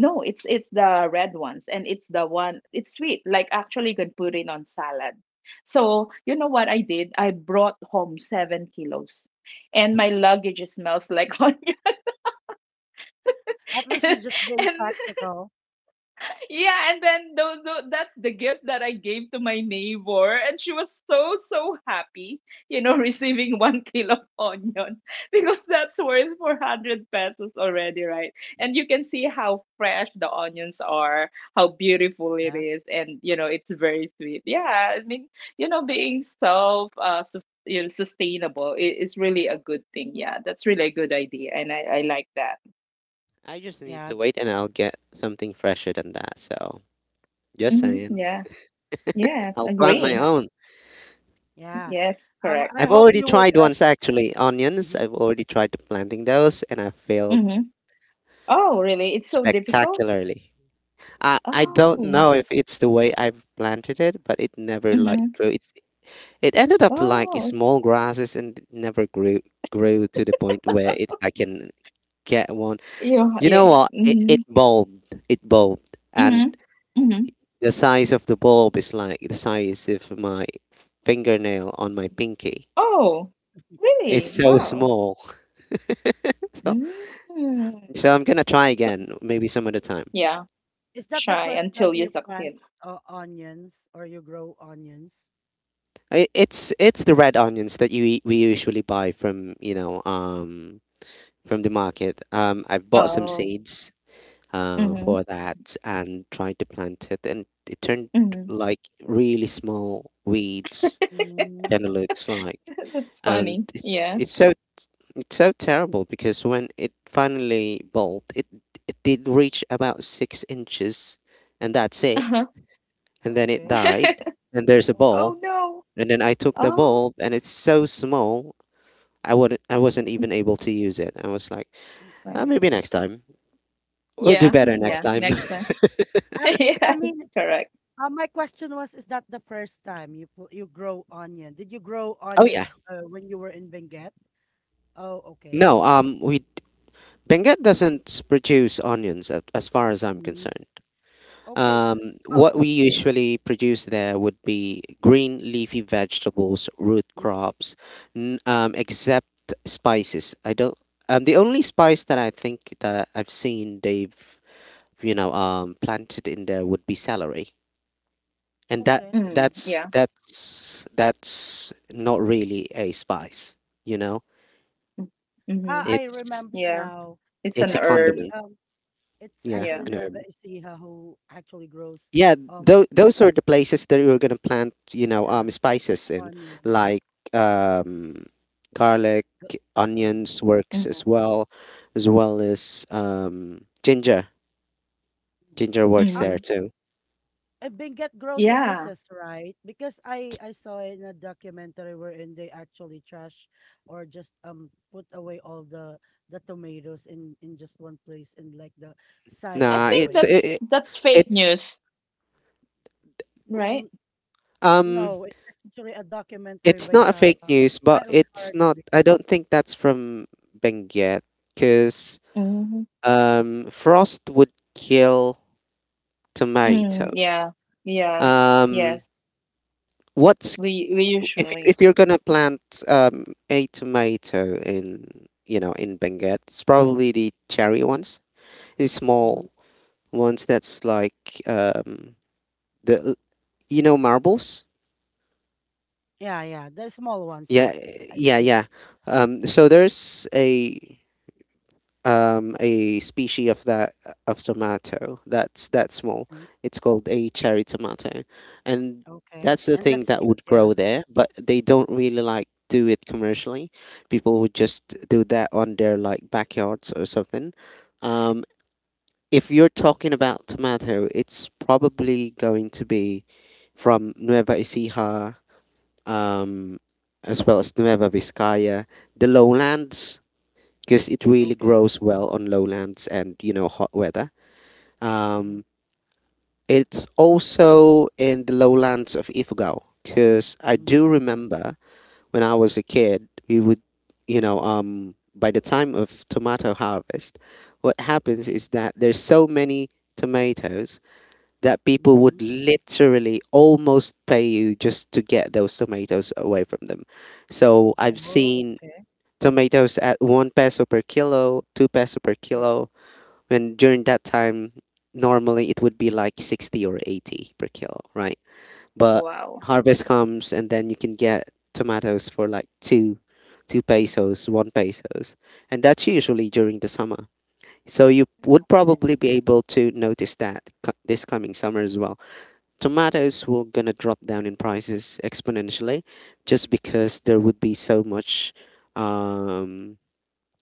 [SPEAKER 2] No, it's the red ones, and it's the one, it's sweet. Like actually you can put it on salad. So you know what I did? I brought home 7 kilos, and my luggage smells like [laughs] onion.
[SPEAKER 1] At least it's just
[SPEAKER 2] [laughs]
[SPEAKER 1] being
[SPEAKER 2] And
[SPEAKER 1] practical.
[SPEAKER 2] yeah, and then that's the gift that I gave to my neighbor, and she was so so happy, you know, [laughs] receiving 1 kilo of onion [laughs] because that's worth 400 pesos already, right? And you can see how fresh the onions are, how beautiful it
[SPEAKER 1] Yeah.
[SPEAKER 2] is, and you know, it's very sweet. Yeah, I mean, you know, being self, su- you know, sustainable is really a good thing. Yeah, that's really a good idea, and I like that.
[SPEAKER 3] I just need
[SPEAKER 1] Yeah.
[SPEAKER 3] to wait, and I'll get something fresher than that, so, just
[SPEAKER 1] Mm.
[SPEAKER 3] saying.
[SPEAKER 2] Yeah. Yes,
[SPEAKER 3] I'll plant my
[SPEAKER 2] agree.
[SPEAKER 1] Okay.
[SPEAKER 3] own.
[SPEAKER 1] Yeah.
[SPEAKER 2] Yes, correct.
[SPEAKER 1] I
[SPEAKER 3] I've
[SPEAKER 1] hope
[SPEAKER 3] already
[SPEAKER 1] you would.
[SPEAKER 3] tried once, actually. Onions,
[SPEAKER 1] Mhm.
[SPEAKER 3] I've already tried planting those, and I failed
[SPEAKER 2] Mhm. Oh, really? It's so difficult?
[SPEAKER 3] spectacularly. I
[SPEAKER 2] Oh.
[SPEAKER 1] Mm.
[SPEAKER 3] don't know if it's the way I've planted it, but it never like
[SPEAKER 2] Mhm.
[SPEAKER 3] grew. It ended up like
[SPEAKER 2] Oh,
[SPEAKER 3] small grasses, and it never grew to the point where it I can get one.
[SPEAKER 2] you
[SPEAKER 3] You know
[SPEAKER 2] yeah.
[SPEAKER 3] what? It
[SPEAKER 2] Mhm.
[SPEAKER 3] bulbed. It bulbed, and
[SPEAKER 2] Mhm. Mhm.
[SPEAKER 3] the size of the bulb is like the size of my fingernail on my pinky.
[SPEAKER 2] Oh,
[SPEAKER 3] It's
[SPEAKER 2] really?
[SPEAKER 3] so
[SPEAKER 2] Wow.
[SPEAKER 3] small. [laughs] So,
[SPEAKER 2] Mm.
[SPEAKER 3] I'm gonna try again, maybe some other time.
[SPEAKER 2] Yeah,
[SPEAKER 1] Is that the
[SPEAKER 2] try
[SPEAKER 1] first time
[SPEAKER 2] until you
[SPEAKER 1] you plant
[SPEAKER 2] succeed.
[SPEAKER 1] onions or you grow onions?
[SPEAKER 3] It's the red onions that we usually buy from, from the market. I've bought some
[SPEAKER 1] Mm-hmm.
[SPEAKER 2] Oh.
[SPEAKER 3] seeds
[SPEAKER 2] Mhm.
[SPEAKER 3] for that and tried to plant it, and it turned
[SPEAKER 2] Mhm.
[SPEAKER 3] like really small weeds.
[SPEAKER 2] [laughs]
[SPEAKER 1] Mm.
[SPEAKER 3] Kind of looks like,
[SPEAKER 2] That's
[SPEAKER 3] and
[SPEAKER 2] funny. Yeah.
[SPEAKER 3] it's so terrible because when it finally bulbed, it did reach about 6 inches, and that's it.
[SPEAKER 2] Uh-huh.
[SPEAKER 3] And then it
[SPEAKER 1] Okay.
[SPEAKER 3] died,
[SPEAKER 2] [laughs]
[SPEAKER 3] and there's a
[SPEAKER 1] Okay.
[SPEAKER 3] bulb.
[SPEAKER 2] Oh no.
[SPEAKER 3] And then I took the
[SPEAKER 2] Oh.
[SPEAKER 3] bulb, and it's so small. I wasn't even able to use it. I was like,
[SPEAKER 2] Well,
[SPEAKER 1] Okay.
[SPEAKER 3] maybe next time. We'll do
[SPEAKER 2] yeah.
[SPEAKER 3] better
[SPEAKER 1] So
[SPEAKER 3] next
[SPEAKER 2] Yeah.
[SPEAKER 3] time.
[SPEAKER 2] Next time.
[SPEAKER 1] I,
[SPEAKER 2] [laughs]
[SPEAKER 1] I
[SPEAKER 2] Yes,
[SPEAKER 1] mean,
[SPEAKER 2] correct.
[SPEAKER 1] my question was, is that the first time you grow onion? Did you grow
[SPEAKER 3] [laughs] Oh, yeah.
[SPEAKER 1] onion when you were in Benguet? Oh, okay.
[SPEAKER 3] No, we Benguet doesn't produce onions as far as I'm
[SPEAKER 1] Mhm.
[SPEAKER 3] concerned.
[SPEAKER 1] Okay. Uh,
[SPEAKER 3] What we usually produce there would be green leafy vegetables, root
[SPEAKER 1] mm,
[SPEAKER 3] crops, except spices. I don't The only spice that I think that I've seen they've, planted in there would be celery. And
[SPEAKER 1] okay.
[SPEAKER 2] Mm, yeah.
[SPEAKER 3] that's not really a spice, you know?
[SPEAKER 2] Mm,
[SPEAKER 1] Ah,
[SPEAKER 2] mhm.
[SPEAKER 1] I
[SPEAKER 3] It's
[SPEAKER 1] remember
[SPEAKER 2] Yeah.
[SPEAKER 1] now.
[SPEAKER 2] It's
[SPEAKER 1] It's
[SPEAKER 2] an
[SPEAKER 3] It's a
[SPEAKER 2] herb.
[SPEAKER 1] actually
[SPEAKER 3] condiment.
[SPEAKER 1] um, it's
[SPEAKER 3] Yeah,
[SPEAKER 1] actually
[SPEAKER 2] Yeah.
[SPEAKER 3] an
[SPEAKER 1] Nueva
[SPEAKER 3] herb.
[SPEAKER 1] Ecija who actually grows
[SPEAKER 3] Yeah,
[SPEAKER 1] um,
[SPEAKER 3] those are the places that you're gonna plant, you know,
[SPEAKER 1] yeah,
[SPEAKER 3] spices
[SPEAKER 1] the
[SPEAKER 3] in,
[SPEAKER 1] onion.
[SPEAKER 3] like um, garlic,
[SPEAKER 1] Go- Mhm,
[SPEAKER 3] onions works
[SPEAKER 2] Mm-hmm.
[SPEAKER 3] as well, as well as ginger.
[SPEAKER 1] mhm.
[SPEAKER 3] Ginger works there
[SPEAKER 2] Mhm.
[SPEAKER 3] too.
[SPEAKER 1] I've been get grow
[SPEAKER 2] Yeah.
[SPEAKER 1] tomatoes, right? Because I saw in a documentary wherein they actually trash or just put away all the tomatoes in just one place in like the side
[SPEAKER 2] I
[SPEAKER 1] of
[SPEAKER 3] Nah,
[SPEAKER 1] the
[SPEAKER 2] think
[SPEAKER 3] it's
[SPEAKER 1] way.
[SPEAKER 2] that's
[SPEAKER 3] it, it-
[SPEAKER 2] that's fake
[SPEAKER 3] it's
[SPEAKER 2] news, right?
[SPEAKER 1] Mm,
[SPEAKER 3] um,
[SPEAKER 1] no, it's actually a documentary
[SPEAKER 3] it's
[SPEAKER 1] by
[SPEAKER 3] not a
[SPEAKER 1] Sarah.
[SPEAKER 3] fake news, but
[SPEAKER 1] I Okara,
[SPEAKER 3] it's not. I don't think that's from Benguet, because
[SPEAKER 2] Mhm.
[SPEAKER 3] frost would kill
[SPEAKER 2] Mm,
[SPEAKER 3] tomatoes.
[SPEAKER 2] yeah. Yes. Yes.
[SPEAKER 3] Um, what's
[SPEAKER 2] We
[SPEAKER 3] If
[SPEAKER 2] usually.
[SPEAKER 3] you're gonna plant a tomato in, you know, in Benguet, it's probably the cherry ones, the
[SPEAKER 1] mm-hmm.
[SPEAKER 3] small ones that's like the l- you know, marbles.
[SPEAKER 1] Yeah, yeah, the small ones.
[SPEAKER 3] Yeah,
[SPEAKER 1] Yes, I
[SPEAKER 3] yeah,
[SPEAKER 1] see. It.
[SPEAKER 3] yeah. So there's a species of that of tomato that's that small.
[SPEAKER 1] Mhm.
[SPEAKER 3] It's called a cherry tomato, and
[SPEAKER 1] Okay,
[SPEAKER 3] that's the
[SPEAKER 1] and
[SPEAKER 3] thing
[SPEAKER 1] that's
[SPEAKER 3] that
[SPEAKER 1] cute.
[SPEAKER 3] would
[SPEAKER 1] Yeah.
[SPEAKER 3] grow there. But they don't really like do it commercially. People would just do that on their like backyards or something. Um, if you're talking about tomato, it's probably going to be from Nueva Ecija, um, as well as Nueva Vizcaya, the lowlands, because it really
[SPEAKER 1] Okay.
[SPEAKER 3] grows well on lowlands and, you know, hot weather.
[SPEAKER 1] Mm-hmm.
[SPEAKER 3] Um, it's also in the lowlands of Ifugao because I
[SPEAKER 1] Mm-hmm.
[SPEAKER 3] do remember when I was a kid, we would, you know, by the time of tomato harvest, what happens is that there's so many tomatoes that people
[SPEAKER 1] Mm-hmm.
[SPEAKER 3] would literally almost pay you just to get those tomatoes away from them. So I've
[SPEAKER 1] Oh,
[SPEAKER 3] seen
[SPEAKER 1] okay.
[SPEAKER 3] tomatoes at one peso per kilo, two peso per
[SPEAKER 1] Mm,
[SPEAKER 3] kilo, when during that time, normally it would be like 60 or 80 per kilo, right? But
[SPEAKER 2] Wow.
[SPEAKER 3] harvest comes and then you can get tomatoes for like two pesos, one pesos, and that's usually during the summer. So you would
[SPEAKER 1] okay.
[SPEAKER 3] probably be able to notice that this coming summer as well, tomatoes will gonna drop down in prices exponentially, just because there would be so much um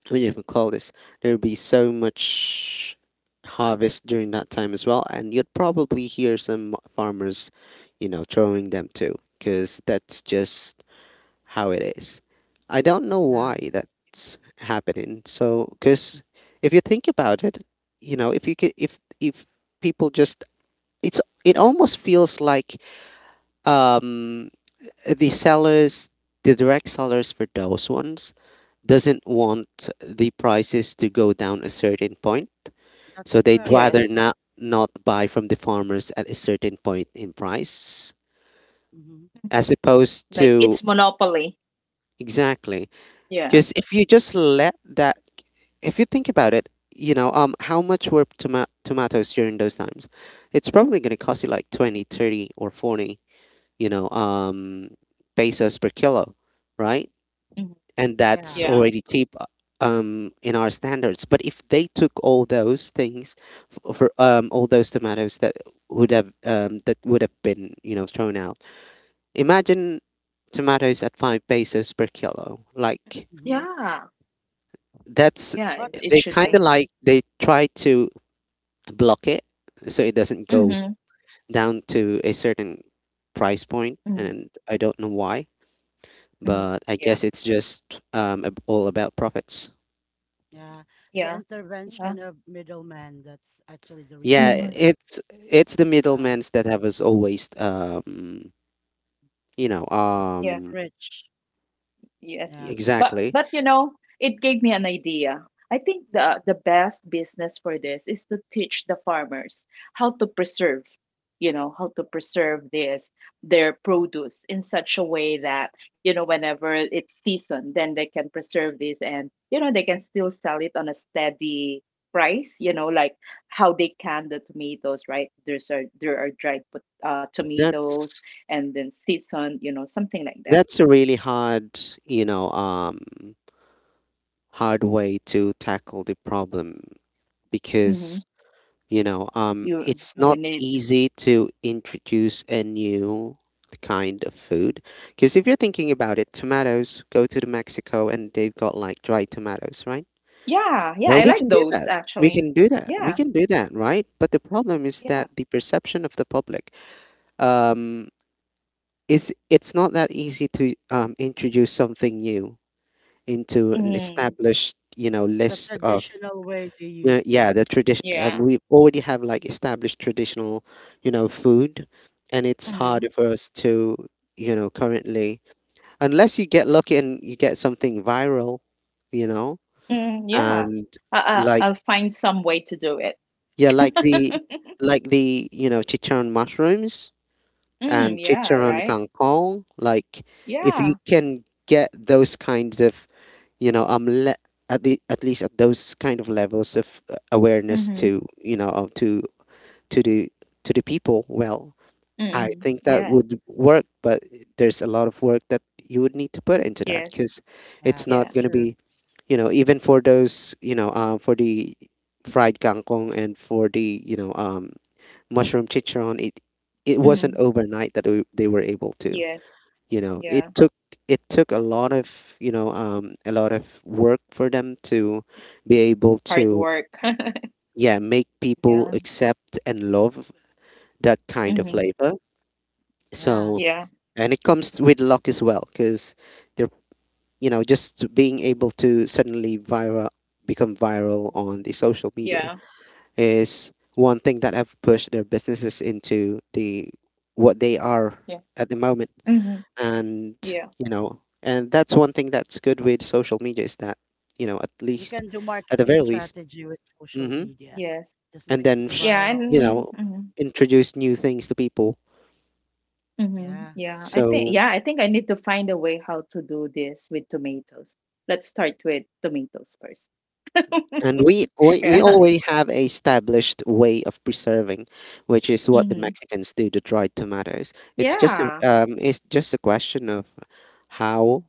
[SPEAKER 3] what do you call this? There'd be so much harvest during that time as well, and you'd probably hear some farmers, you know, throwing them too, because that's just how it is. I don't know
[SPEAKER 1] Yeah,
[SPEAKER 3] why that's happening. So, because if you think about it, you know, if you could, if people just, it almost feels like um the sellers, the direct sellers for those ones, doesn't want the prices to go down a certain point.
[SPEAKER 1] that's
[SPEAKER 3] So they'd
[SPEAKER 1] correct.
[SPEAKER 2] Yes.
[SPEAKER 3] rather not buy from the farmers at a certain point in price,
[SPEAKER 1] Mm-hmm.
[SPEAKER 3] as opposed
[SPEAKER 2] Like it's
[SPEAKER 3] to—
[SPEAKER 2] monopoly.
[SPEAKER 3] exactly.
[SPEAKER 2] Yeah.
[SPEAKER 3] Because if you just let that, if you think about it, you know, how much were tomatoes during those times? It's probably going to cost you like 20, 30, or 40, you know, pesos per kilo, right?
[SPEAKER 2] Mhm.
[SPEAKER 3] And
[SPEAKER 1] Yeah.
[SPEAKER 3] that's
[SPEAKER 2] Yeah.
[SPEAKER 3] already cheap, in our standards. But if they took all those things, f- for all those tomatoes that would have been, you know, thrown out, imagine tomatoes at five pesos per kilo. Like
[SPEAKER 1] Mm-hmm.
[SPEAKER 2] Yeah.
[SPEAKER 3] that's—
[SPEAKER 2] Yeah. It,
[SPEAKER 1] But
[SPEAKER 2] it
[SPEAKER 3] they
[SPEAKER 2] should
[SPEAKER 3] kind
[SPEAKER 1] yeah,
[SPEAKER 2] be.
[SPEAKER 3] of like they try to block it so it doesn't go
[SPEAKER 2] Mm-hmm.
[SPEAKER 3] down to a certain price point,
[SPEAKER 2] Mm-hmm.
[SPEAKER 3] and I don't know why. But I
[SPEAKER 2] Yeah.
[SPEAKER 3] guess it's just all about profits.
[SPEAKER 1] yeah, the
[SPEAKER 2] Yeah.
[SPEAKER 1] intervention
[SPEAKER 2] Yeah.
[SPEAKER 1] of middlemen, that's actually the
[SPEAKER 3] Yeah,
[SPEAKER 1] reason
[SPEAKER 2] Mm-hmm.
[SPEAKER 1] why it
[SPEAKER 3] it's the
[SPEAKER 1] went uh,
[SPEAKER 3] middlemen's that have us always, you know,
[SPEAKER 1] get rich.
[SPEAKER 2] Yes.
[SPEAKER 1] Yeah,
[SPEAKER 2] But
[SPEAKER 3] exactly.
[SPEAKER 2] but you know, it gave me an idea. I think the best business for this is to teach the farmers how to preserve, you know, how to preserve this their produce in such a way that, you know, whenever it's season, then they can preserve this and, you know, they can still sell it on a steady price, you know, like how they can the tomatoes, right? There are dried tomatoes
[SPEAKER 3] That's
[SPEAKER 2] and then season, you know, something like
[SPEAKER 3] that's a really hard, you know um hard way to tackle the problem,
[SPEAKER 2] that.
[SPEAKER 3] because,
[SPEAKER 2] You
[SPEAKER 3] it's
[SPEAKER 2] we
[SPEAKER 3] not
[SPEAKER 2] need.
[SPEAKER 3] easy to introduce a new kind of food. Because if you're thinking about it, tomatoes go to the Mexico and they've got like dried tomatoes, right?
[SPEAKER 2] Yeah, yeah,
[SPEAKER 3] Well,
[SPEAKER 2] I
[SPEAKER 3] we
[SPEAKER 1] yeah.
[SPEAKER 2] like
[SPEAKER 3] can do
[SPEAKER 2] those
[SPEAKER 3] that. We
[SPEAKER 2] actually.
[SPEAKER 3] can do that. We
[SPEAKER 2] Yeah,
[SPEAKER 3] can do that, right? But the problem is that
[SPEAKER 2] yeah.
[SPEAKER 3] the perception of the public, um, is it's not that easy to introduce something new into an
[SPEAKER 2] Mm,
[SPEAKER 3] established, you know,
[SPEAKER 1] The
[SPEAKER 3] list of—
[SPEAKER 1] traditional way they
[SPEAKER 3] yeah,
[SPEAKER 1] used to.
[SPEAKER 3] yeah, the tradition.
[SPEAKER 2] yeah.
[SPEAKER 3] We already have like established traditional, you know, food, and it's hard
[SPEAKER 2] Mhm.
[SPEAKER 3] for us to, you know, currently, unless you get lucky and you get something viral, you know.
[SPEAKER 2] Mm, yeah.
[SPEAKER 3] And
[SPEAKER 2] I
[SPEAKER 3] like—
[SPEAKER 2] I'll find some way to do it.
[SPEAKER 3] yeah, like the like the, you know, chicharron mushrooms and
[SPEAKER 2] Mm, yeah,
[SPEAKER 3] chicharron
[SPEAKER 2] right?
[SPEAKER 3] kangkong. Like if you
[SPEAKER 2] Yeah.
[SPEAKER 3] can get those kinds of, you know um le- at the at least at those kind of levels of awareness
[SPEAKER 2] Mhm.
[SPEAKER 3] to, to the people. Well, I
[SPEAKER 2] Mm.
[SPEAKER 3] think that
[SPEAKER 2] Yeah.
[SPEAKER 3] would work, but there's a lot of work that you would need to put into that,
[SPEAKER 2] Yes.
[SPEAKER 3] because
[SPEAKER 1] Yeah,
[SPEAKER 3] it's not
[SPEAKER 2] Yeah.
[SPEAKER 1] that's
[SPEAKER 3] going to
[SPEAKER 1] true.
[SPEAKER 3] be, you know. Even for those, you know, for the fried kangkong and for the, mushroom chicharron, it wasn't
[SPEAKER 2] Mhm.
[SPEAKER 3] overnight that they were able to.
[SPEAKER 2] Yes.
[SPEAKER 3] You know,
[SPEAKER 2] Yeah.
[SPEAKER 3] it took a lot of, a lot of work for them to be able
[SPEAKER 2] Hard
[SPEAKER 3] to—
[SPEAKER 2] work.
[SPEAKER 3] yeah, make people
[SPEAKER 2] Yeah.
[SPEAKER 3] accept and love that kind of
[SPEAKER 2] Mhm.
[SPEAKER 3] flavor.
[SPEAKER 1] Yeah.
[SPEAKER 3] So,
[SPEAKER 2] Yeah.
[SPEAKER 3] and it comes with luck as well, because they're, you know, just being able to suddenly viral— become viral on the social media
[SPEAKER 2] Yeah.
[SPEAKER 3] is one thing that have pushed their businesses into the what they are
[SPEAKER 2] Yeah.
[SPEAKER 3] at the moment.
[SPEAKER 2] Mhm.
[SPEAKER 3] And
[SPEAKER 2] Yeah.
[SPEAKER 3] you know, and that's one thing that's good with social media, is that, you know, at
[SPEAKER 1] You
[SPEAKER 3] least,
[SPEAKER 1] can do
[SPEAKER 3] at the
[SPEAKER 1] marketing
[SPEAKER 3] very least,
[SPEAKER 1] strategy with social
[SPEAKER 3] hmm
[SPEAKER 1] media.
[SPEAKER 2] Yes.
[SPEAKER 1] Just
[SPEAKER 3] and then
[SPEAKER 1] making
[SPEAKER 2] Yeah,
[SPEAKER 1] viral.
[SPEAKER 3] you
[SPEAKER 2] and
[SPEAKER 3] know,
[SPEAKER 2] mhm.
[SPEAKER 3] introduce new things to people.
[SPEAKER 2] Mm-hmm.
[SPEAKER 1] Yeah.
[SPEAKER 3] So,
[SPEAKER 2] Yeah, I think I need to find a way how to do this with tomatoes. Let's start with tomatoes first. [laughs]
[SPEAKER 3] and
[SPEAKER 2] Yeah.
[SPEAKER 3] we already have a established way of preserving, which is what the
[SPEAKER 2] Mm-hmm.
[SPEAKER 3] Mexicans do to dried tomatoes. It's just
[SPEAKER 2] Yeah.
[SPEAKER 3] it's just a question of how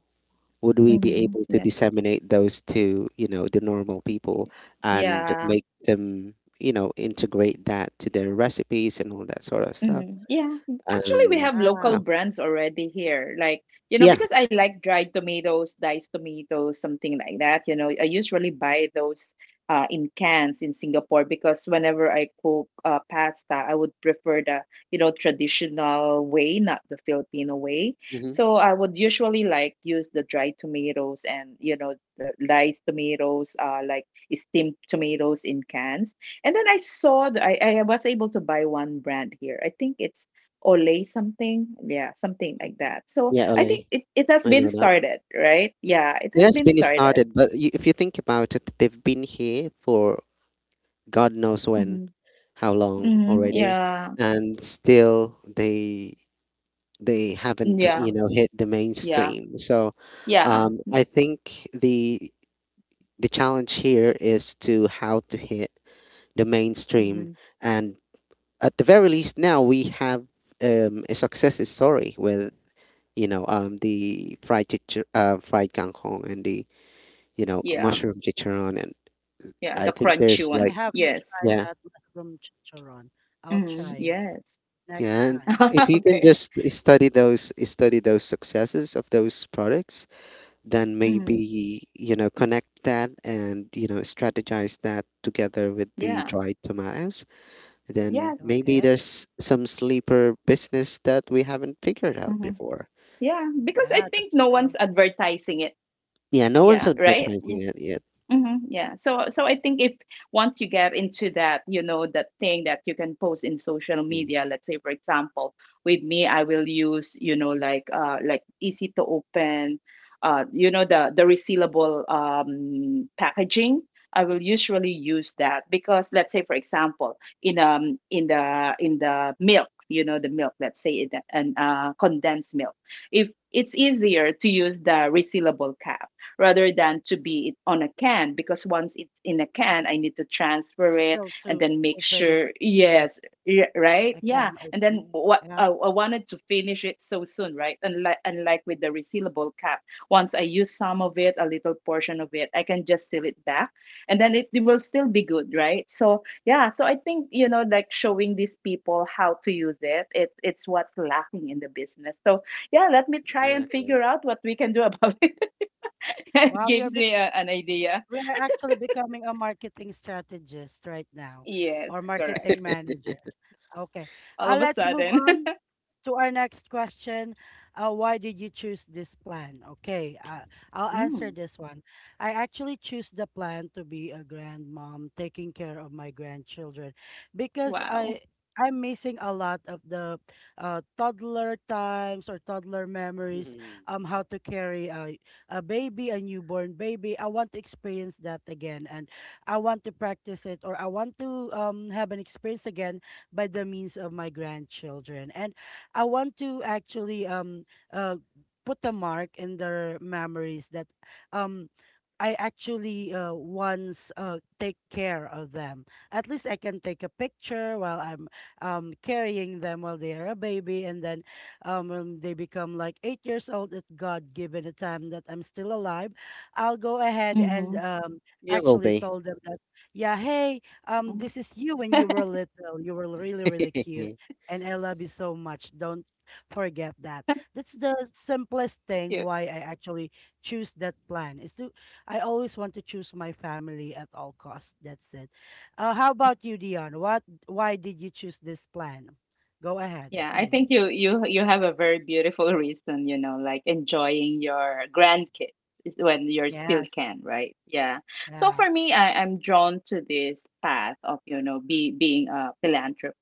[SPEAKER 3] would we be
[SPEAKER 2] Mm-hmm.
[SPEAKER 3] able to
[SPEAKER 2] Yeah.
[SPEAKER 3] disseminate those to, you know, the normal people and
[SPEAKER 2] Yeah.
[SPEAKER 3] make them, you know, integrate that to their recipes and all that sort of stuff.
[SPEAKER 2] Mm, yeah, actually, we
[SPEAKER 3] And
[SPEAKER 2] have
[SPEAKER 1] Yeah.
[SPEAKER 2] local
[SPEAKER 3] no.
[SPEAKER 2] brands
[SPEAKER 1] True.
[SPEAKER 2] already here. Like, you know,
[SPEAKER 3] Yeah.
[SPEAKER 2] because I like dried tomatoes, diced tomatoes, something like that. You know, I usually buy those in cans in Singapore because whenever I cook pasta, I would prefer you know, traditional way, not the Filipino way.
[SPEAKER 3] Hmm.
[SPEAKER 2] So I would usually like use the dried tomatoes and, you know, the diced tomatoes, like steamed tomatoes in cans and then I saw I was able to buy one brand here. I think it's Olay something. Yeah, something
[SPEAKER 1] Mm.
[SPEAKER 2] like that. So
[SPEAKER 3] Yeah,
[SPEAKER 2] I think
[SPEAKER 3] Ole,
[SPEAKER 2] it has
[SPEAKER 3] I
[SPEAKER 2] been
[SPEAKER 3] know that
[SPEAKER 2] started, right? Yeah, it
[SPEAKER 3] it
[SPEAKER 2] has
[SPEAKER 3] has
[SPEAKER 2] been
[SPEAKER 3] been
[SPEAKER 2] started.
[SPEAKER 3] started, but, if you think about it, they've been here for god knows when,
[SPEAKER 2] Hmm.
[SPEAKER 3] how long
[SPEAKER 2] Hmm.
[SPEAKER 3] already.
[SPEAKER 2] Yeah.
[SPEAKER 3] And still they haven't,
[SPEAKER 2] Yeah.
[SPEAKER 3] you know, hit the
[SPEAKER 2] Yeah.
[SPEAKER 3] mainstream. So,
[SPEAKER 2] Yeah.
[SPEAKER 3] I think the challenge here is to how to hit the mainstream.
[SPEAKER 2] Hmm.
[SPEAKER 3] And at the very least now we have a success story with, the fried fried kangkong and the, you know, mushroom
[SPEAKER 2] Yeah.
[SPEAKER 3] chicharron, and
[SPEAKER 2] Yeah.
[SPEAKER 3] I
[SPEAKER 2] The
[SPEAKER 3] think
[SPEAKER 2] crunchy
[SPEAKER 3] there's
[SPEAKER 1] I
[SPEAKER 3] like—
[SPEAKER 2] one.
[SPEAKER 1] haven't
[SPEAKER 2] Yes.
[SPEAKER 1] tried
[SPEAKER 3] yeah,
[SPEAKER 1] that mushroom chicharron. I'll try
[SPEAKER 2] Hmm.
[SPEAKER 1] it
[SPEAKER 2] Yes.
[SPEAKER 1] next
[SPEAKER 3] yeah. And
[SPEAKER 1] time.
[SPEAKER 3] if you
[SPEAKER 2] [laughs]
[SPEAKER 3] can
[SPEAKER 2] Okay.
[SPEAKER 3] just study those successes of those products, then
[SPEAKER 2] Hmm.
[SPEAKER 3] maybe, you know, connect that and, you know, strategize that together with the
[SPEAKER 2] Yeah.
[SPEAKER 3] dried tomatoes. Then
[SPEAKER 2] Yes.
[SPEAKER 3] maybe
[SPEAKER 1] Okay.
[SPEAKER 3] there's some sleeper business that we haven't figured out
[SPEAKER 2] Hmm.
[SPEAKER 3] before.
[SPEAKER 2] Yeah. Because I
[SPEAKER 1] Yeah,
[SPEAKER 2] think
[SPEAKER 1] that's
[SPEAKER 2] no
[SPEAKER 1] true.
[SPEAKER 2] one's advertising it.
[SPEAKER 3] Yeah, no one's
[SPEAKER 2] Yeah. Right.
[SPEAKER 3] advertising it yet.
[SPEAKER 2] Hmm. Yeah. So so I think if once you get into that, you know, that thing that you can post in social
[SPEAKER 3] Mm.
[SPEAKER 2] media, let's say for example, with me, I will use, you know, like easy to open, you know, the resealable packaging. I will usually use that because let's say for example, in the milk, you know, the milk, let's say in an condensed milk. If it's easier to use the resealable cap rather than to be it on a can because once it's in a can I need to transfer it
[SPEAKER 1] Still
[SPEAKER 2] and
[SPEAKER 1] to
[SPEAKER 2] then make
[SPEAKER 1] open it.
[SPEAKER 2] sure
[SPEAKER 1] Yeah.
[SPEAKER 2] yes right
[SPEAKER 1] I
[SPEAKER 2] yeah
[SPEAKER 1] can
[SPEAKER 2] and
[SPEAKER 1] open.
[SPEAKER 2] then
[SPEAKER 1] Yeah.
[SPEAKER 2] I wanted to finish it so soon right unlike with the resealable cap once I use some of it a little portion of it I can just seal it back and then it will still be good right so yeah so I think you know like showing these people how to use it, it's what's lacking in the business so yeah let me try and
[SPEAKER 3] Exactly.
[SPEAKER 2] figure
[SPEAKER 3] [laughs]
[SPEAKER 2] out what we can do [laughs] about it. [laughs] It
[SPEAKER 1] Wow, you're
[SPEAKER 2] gives
[SPEAKER 1] be
[SPEAKER 2] me an idea.
[SPEAKER 1] we are actually becoming a marketing strategist right now,
[SPEAKER 2] Yes,
[SPEAKER 1] or
[SPEAKER 2] correct.
[SPEAKER 1] marketing manager. Okay.
[SPEAKER 2] All of a
[SPEAKER 1] Let's move
[SPEAKER 2] sudden.
[SPEAKER 1] on
[SPEAKER 2] [laughs]
[SPEAKER 1] to our next question. Why did you choose this plan? Okay, I'll answer
[SPEAKER 2] Mm,
[SPEAKER 1] this one. I actually choose the plan to be a grandmom, taking care of my grandchildren, because
[SPEAKER 2] wow.
[SPEAKER 1] I'm missing a lot of the toddler times or toddler memories.
[SPEAKER 3] Mhm.
[SPEAKER 1] How to carry a baby, a newborn baby. I want to experience that again, and I want to practice it, or I want to have an experience again by the means of my grandchildren. And I want to actually uh put a mark in their memories that um I actually once take care of them. At least I can take a picture while I'm carrying them while they are a baby, and then when they become like 8 years old at God given a time that I'm still alive, I'll go ahead and
[SPEAKER 2] Mm-hmm.
[SPEAKER 3] You will
[SPEAKER 1] actually
[SPEAKER 3] be.
[SPEAKER 1] told them that, yeah, hey, this is you when you were little. You were really, really cute.
[SPEAKER 3] [laughs]
[SPEAKER 1] And I love you so much. Don't forget that. That's the simplest thing why I actually choose that plan is to I always want to choose my family at all costs. That's it. How about you, Dion? What why did you choose this plan? Go ahead.
[SPEAKER 2] Yeah, I
[SPEAKER 1] Mm.
[SPEAKER 2] think you have a very beautiful reason, you know, like enjoying your grandkids is when you're still
[SPEAKER 1] Yes.
[SPEAKER 2] can, right? Yeah. So
[SPEAKER 1] Yeah.
[SPEAKER 2] for me, I'm drawn to this path of, you know, be being a philanthropist.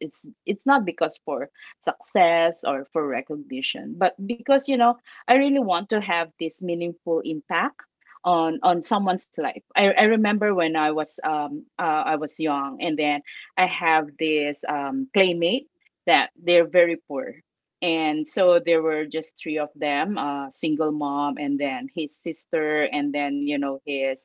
[SPEAKER 2] It's not because for success or for recognition, but because, you know, I really want to have this meaningful impact on someone's life. I remember when I was young and then I have this playmate that they're very poor. And so there were just three of them, single mom and then his sister and then, you know, his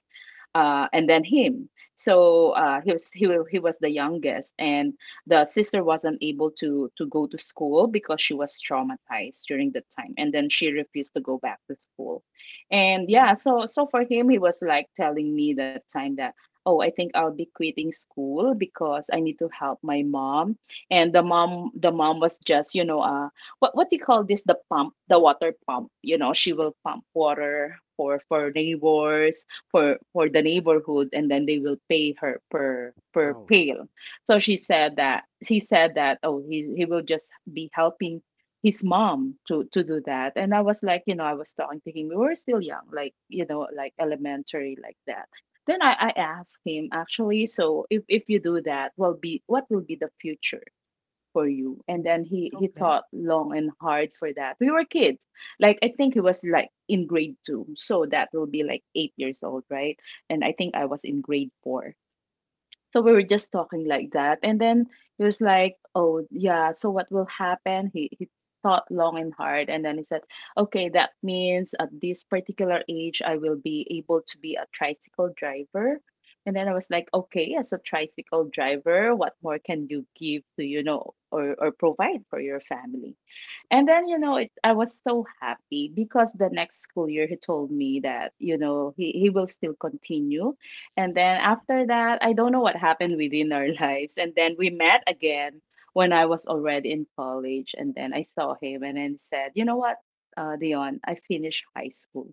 [SPEAKER 2] and then him. So he was the youngest, and the sister wasn't able to go to school because she was traumatized during that time, and then she refused to go back to school. And
[SPEAKER 1] Mm,
[SPEAKER 2] yeah, so so for him, he was like telling me that time that oh, I think I'll be quitting school because I need to help my mom. And the mom was just you know what do you call this the pump the water pump you know she will pump water for neighbors for the neighborhood and then they will pay her per per
[SPEAKER 3] Oh,
[SPEAKER 2] pail so she said that he said that oh he will just be helping his mom to do that and I was like you know I was talking to him we were still young like you know like elementary like that then I asked him actually so if you do that will be what will be the future for you
[SPEAKER 1] mm.
[SPEAKER 2] and then he
[SPEAKER 1] Okay.
[SPEAKER 2] thought long and hard for that we were kids like I think he was like in grade two so that will be like 8 years old right and I think I was in grade four so we were just talking like that. And then he was like, oh, yeah, so what will happen? He thought long and hard. And then he said, okay, that means at this particular age, I will be able to be a tricycle driver. And then I was like, okay, as a tricycle driver, what more can you give to, you know, or provide for your family? And then, you know, I was so happy because the next school year he told me that, you know, he will still continue. And then after that, I don't know what happened within our [laughs] lives. And then we met again when I was already in college. And then I saw him and then said, you know what, Dion, I finished high school.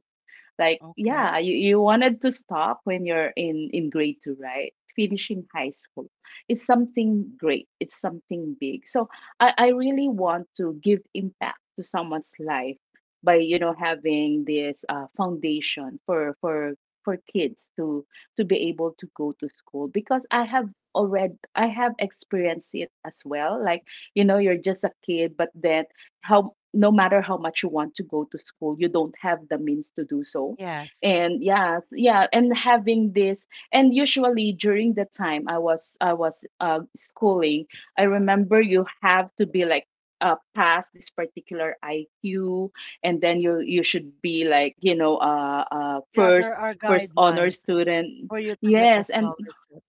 [SPEAKER 2] Like,
[SPEAKER 1] Okay.
[SPEAKER 2] yeah, you wanted to stop when you're in grade two, right? Finishing high school is something great, it's something big. So I really want to give impact to someone's life by, you know, having this foundation for kids to be able to go to school because I have experienced it as well. Like, you know, you're just a kid, but then how no matter how much you want to go to school you don't have the means to do so
[SPEAKER 1] Yes.
[SPEAKER 2] and yes yeah and having this and usually during the time I was schooling I remember you have to be like pass this particular IQ and then you should be like you know
[SPEAKER 1] Yeah, there
[SPEAKER 2] first
[SPEAKER 1] are
[SPEAKER 2] first honor
[SPEAKER 1] guidelines
[SPEAKER 2] student
[SPEAKER 1] for you to get the
[SPEAKER 2] yes and
[SPEAKER 1] scholarship.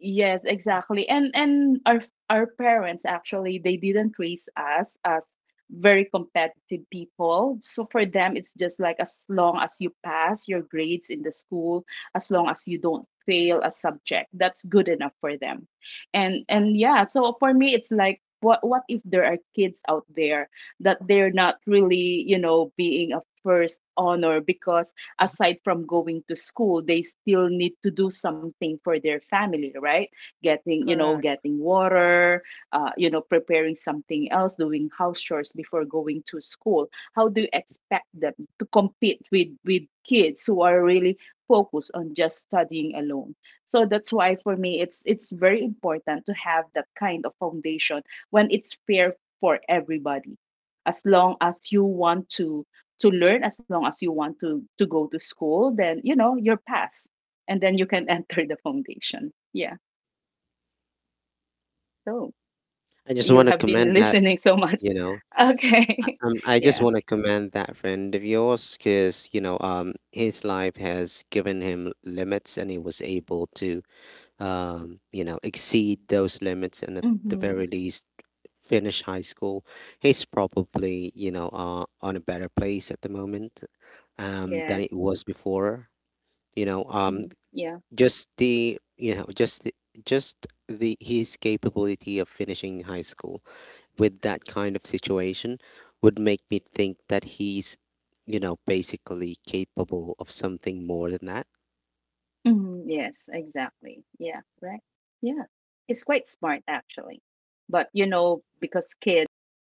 [SPEAKER 2] yes,
[SPEAKER 1] Mhm.
[SPEAKER 2] exactly. And our parents actually they didn't raise us as very competitive people. So for them it's just like as long as you pass your grades in the school, as long as you don't fail a subject, that's good enough for them. And yeah, so for me it's like what if there are kids out there that they're not really, you know, being a first honor because
[SPEAKER 1] Mhm.
[SPEAKER 2] aside from going to school they still need to do something for their family right getting you know
[SPEAKER 1] Correct.
[SPEAKER 2] getting water you know preparing something else doing house chores before going to school how do you expect them to compete with kids who are really focused on just studying alone so that's why for me it's very important to have that kind of foundation when it's fair for everybody as long as you want to learn as long as you want to go to school then you know you're past and then you can [laughs] enter the foundation yeah so
[SPEAKER 3] I just
[SPEAKER 2] you
[SPEAKER 3] want to
[SPEAKER 2] have been [laughs]
[SPEAKER 3] commend that.
[SPEAKER 2] listening so much
[SPEAKER 3] You know,
[SPEAKER 2] [laughs] okay [laughs]
[SPEAKER 3] I just
[SPEAKER 2] yeah
[SPEAKER 3] want to commend that friend of yours, because, you know, his life has given him limits, and he was able to, you know, exceed those limits and at the
[SPEAKER 2] hmm
[SPEAKER 3] very least finish high school. He's probably, you know, on a better place at the moment, than
[SPEAKER 2] yes.
[SPEAKER 3] it was before. You know,
[SPEAKER 2] Mhm. Yeah
[SPEAKER 3] just the, you know, just the his capability of finishing high school with that kind of situation would make me think that he's, you know, basically capable of something more than that.
[SPEAKER 2] hmm yes exactly yeah right yeah it's quite smart actually but you know because kids has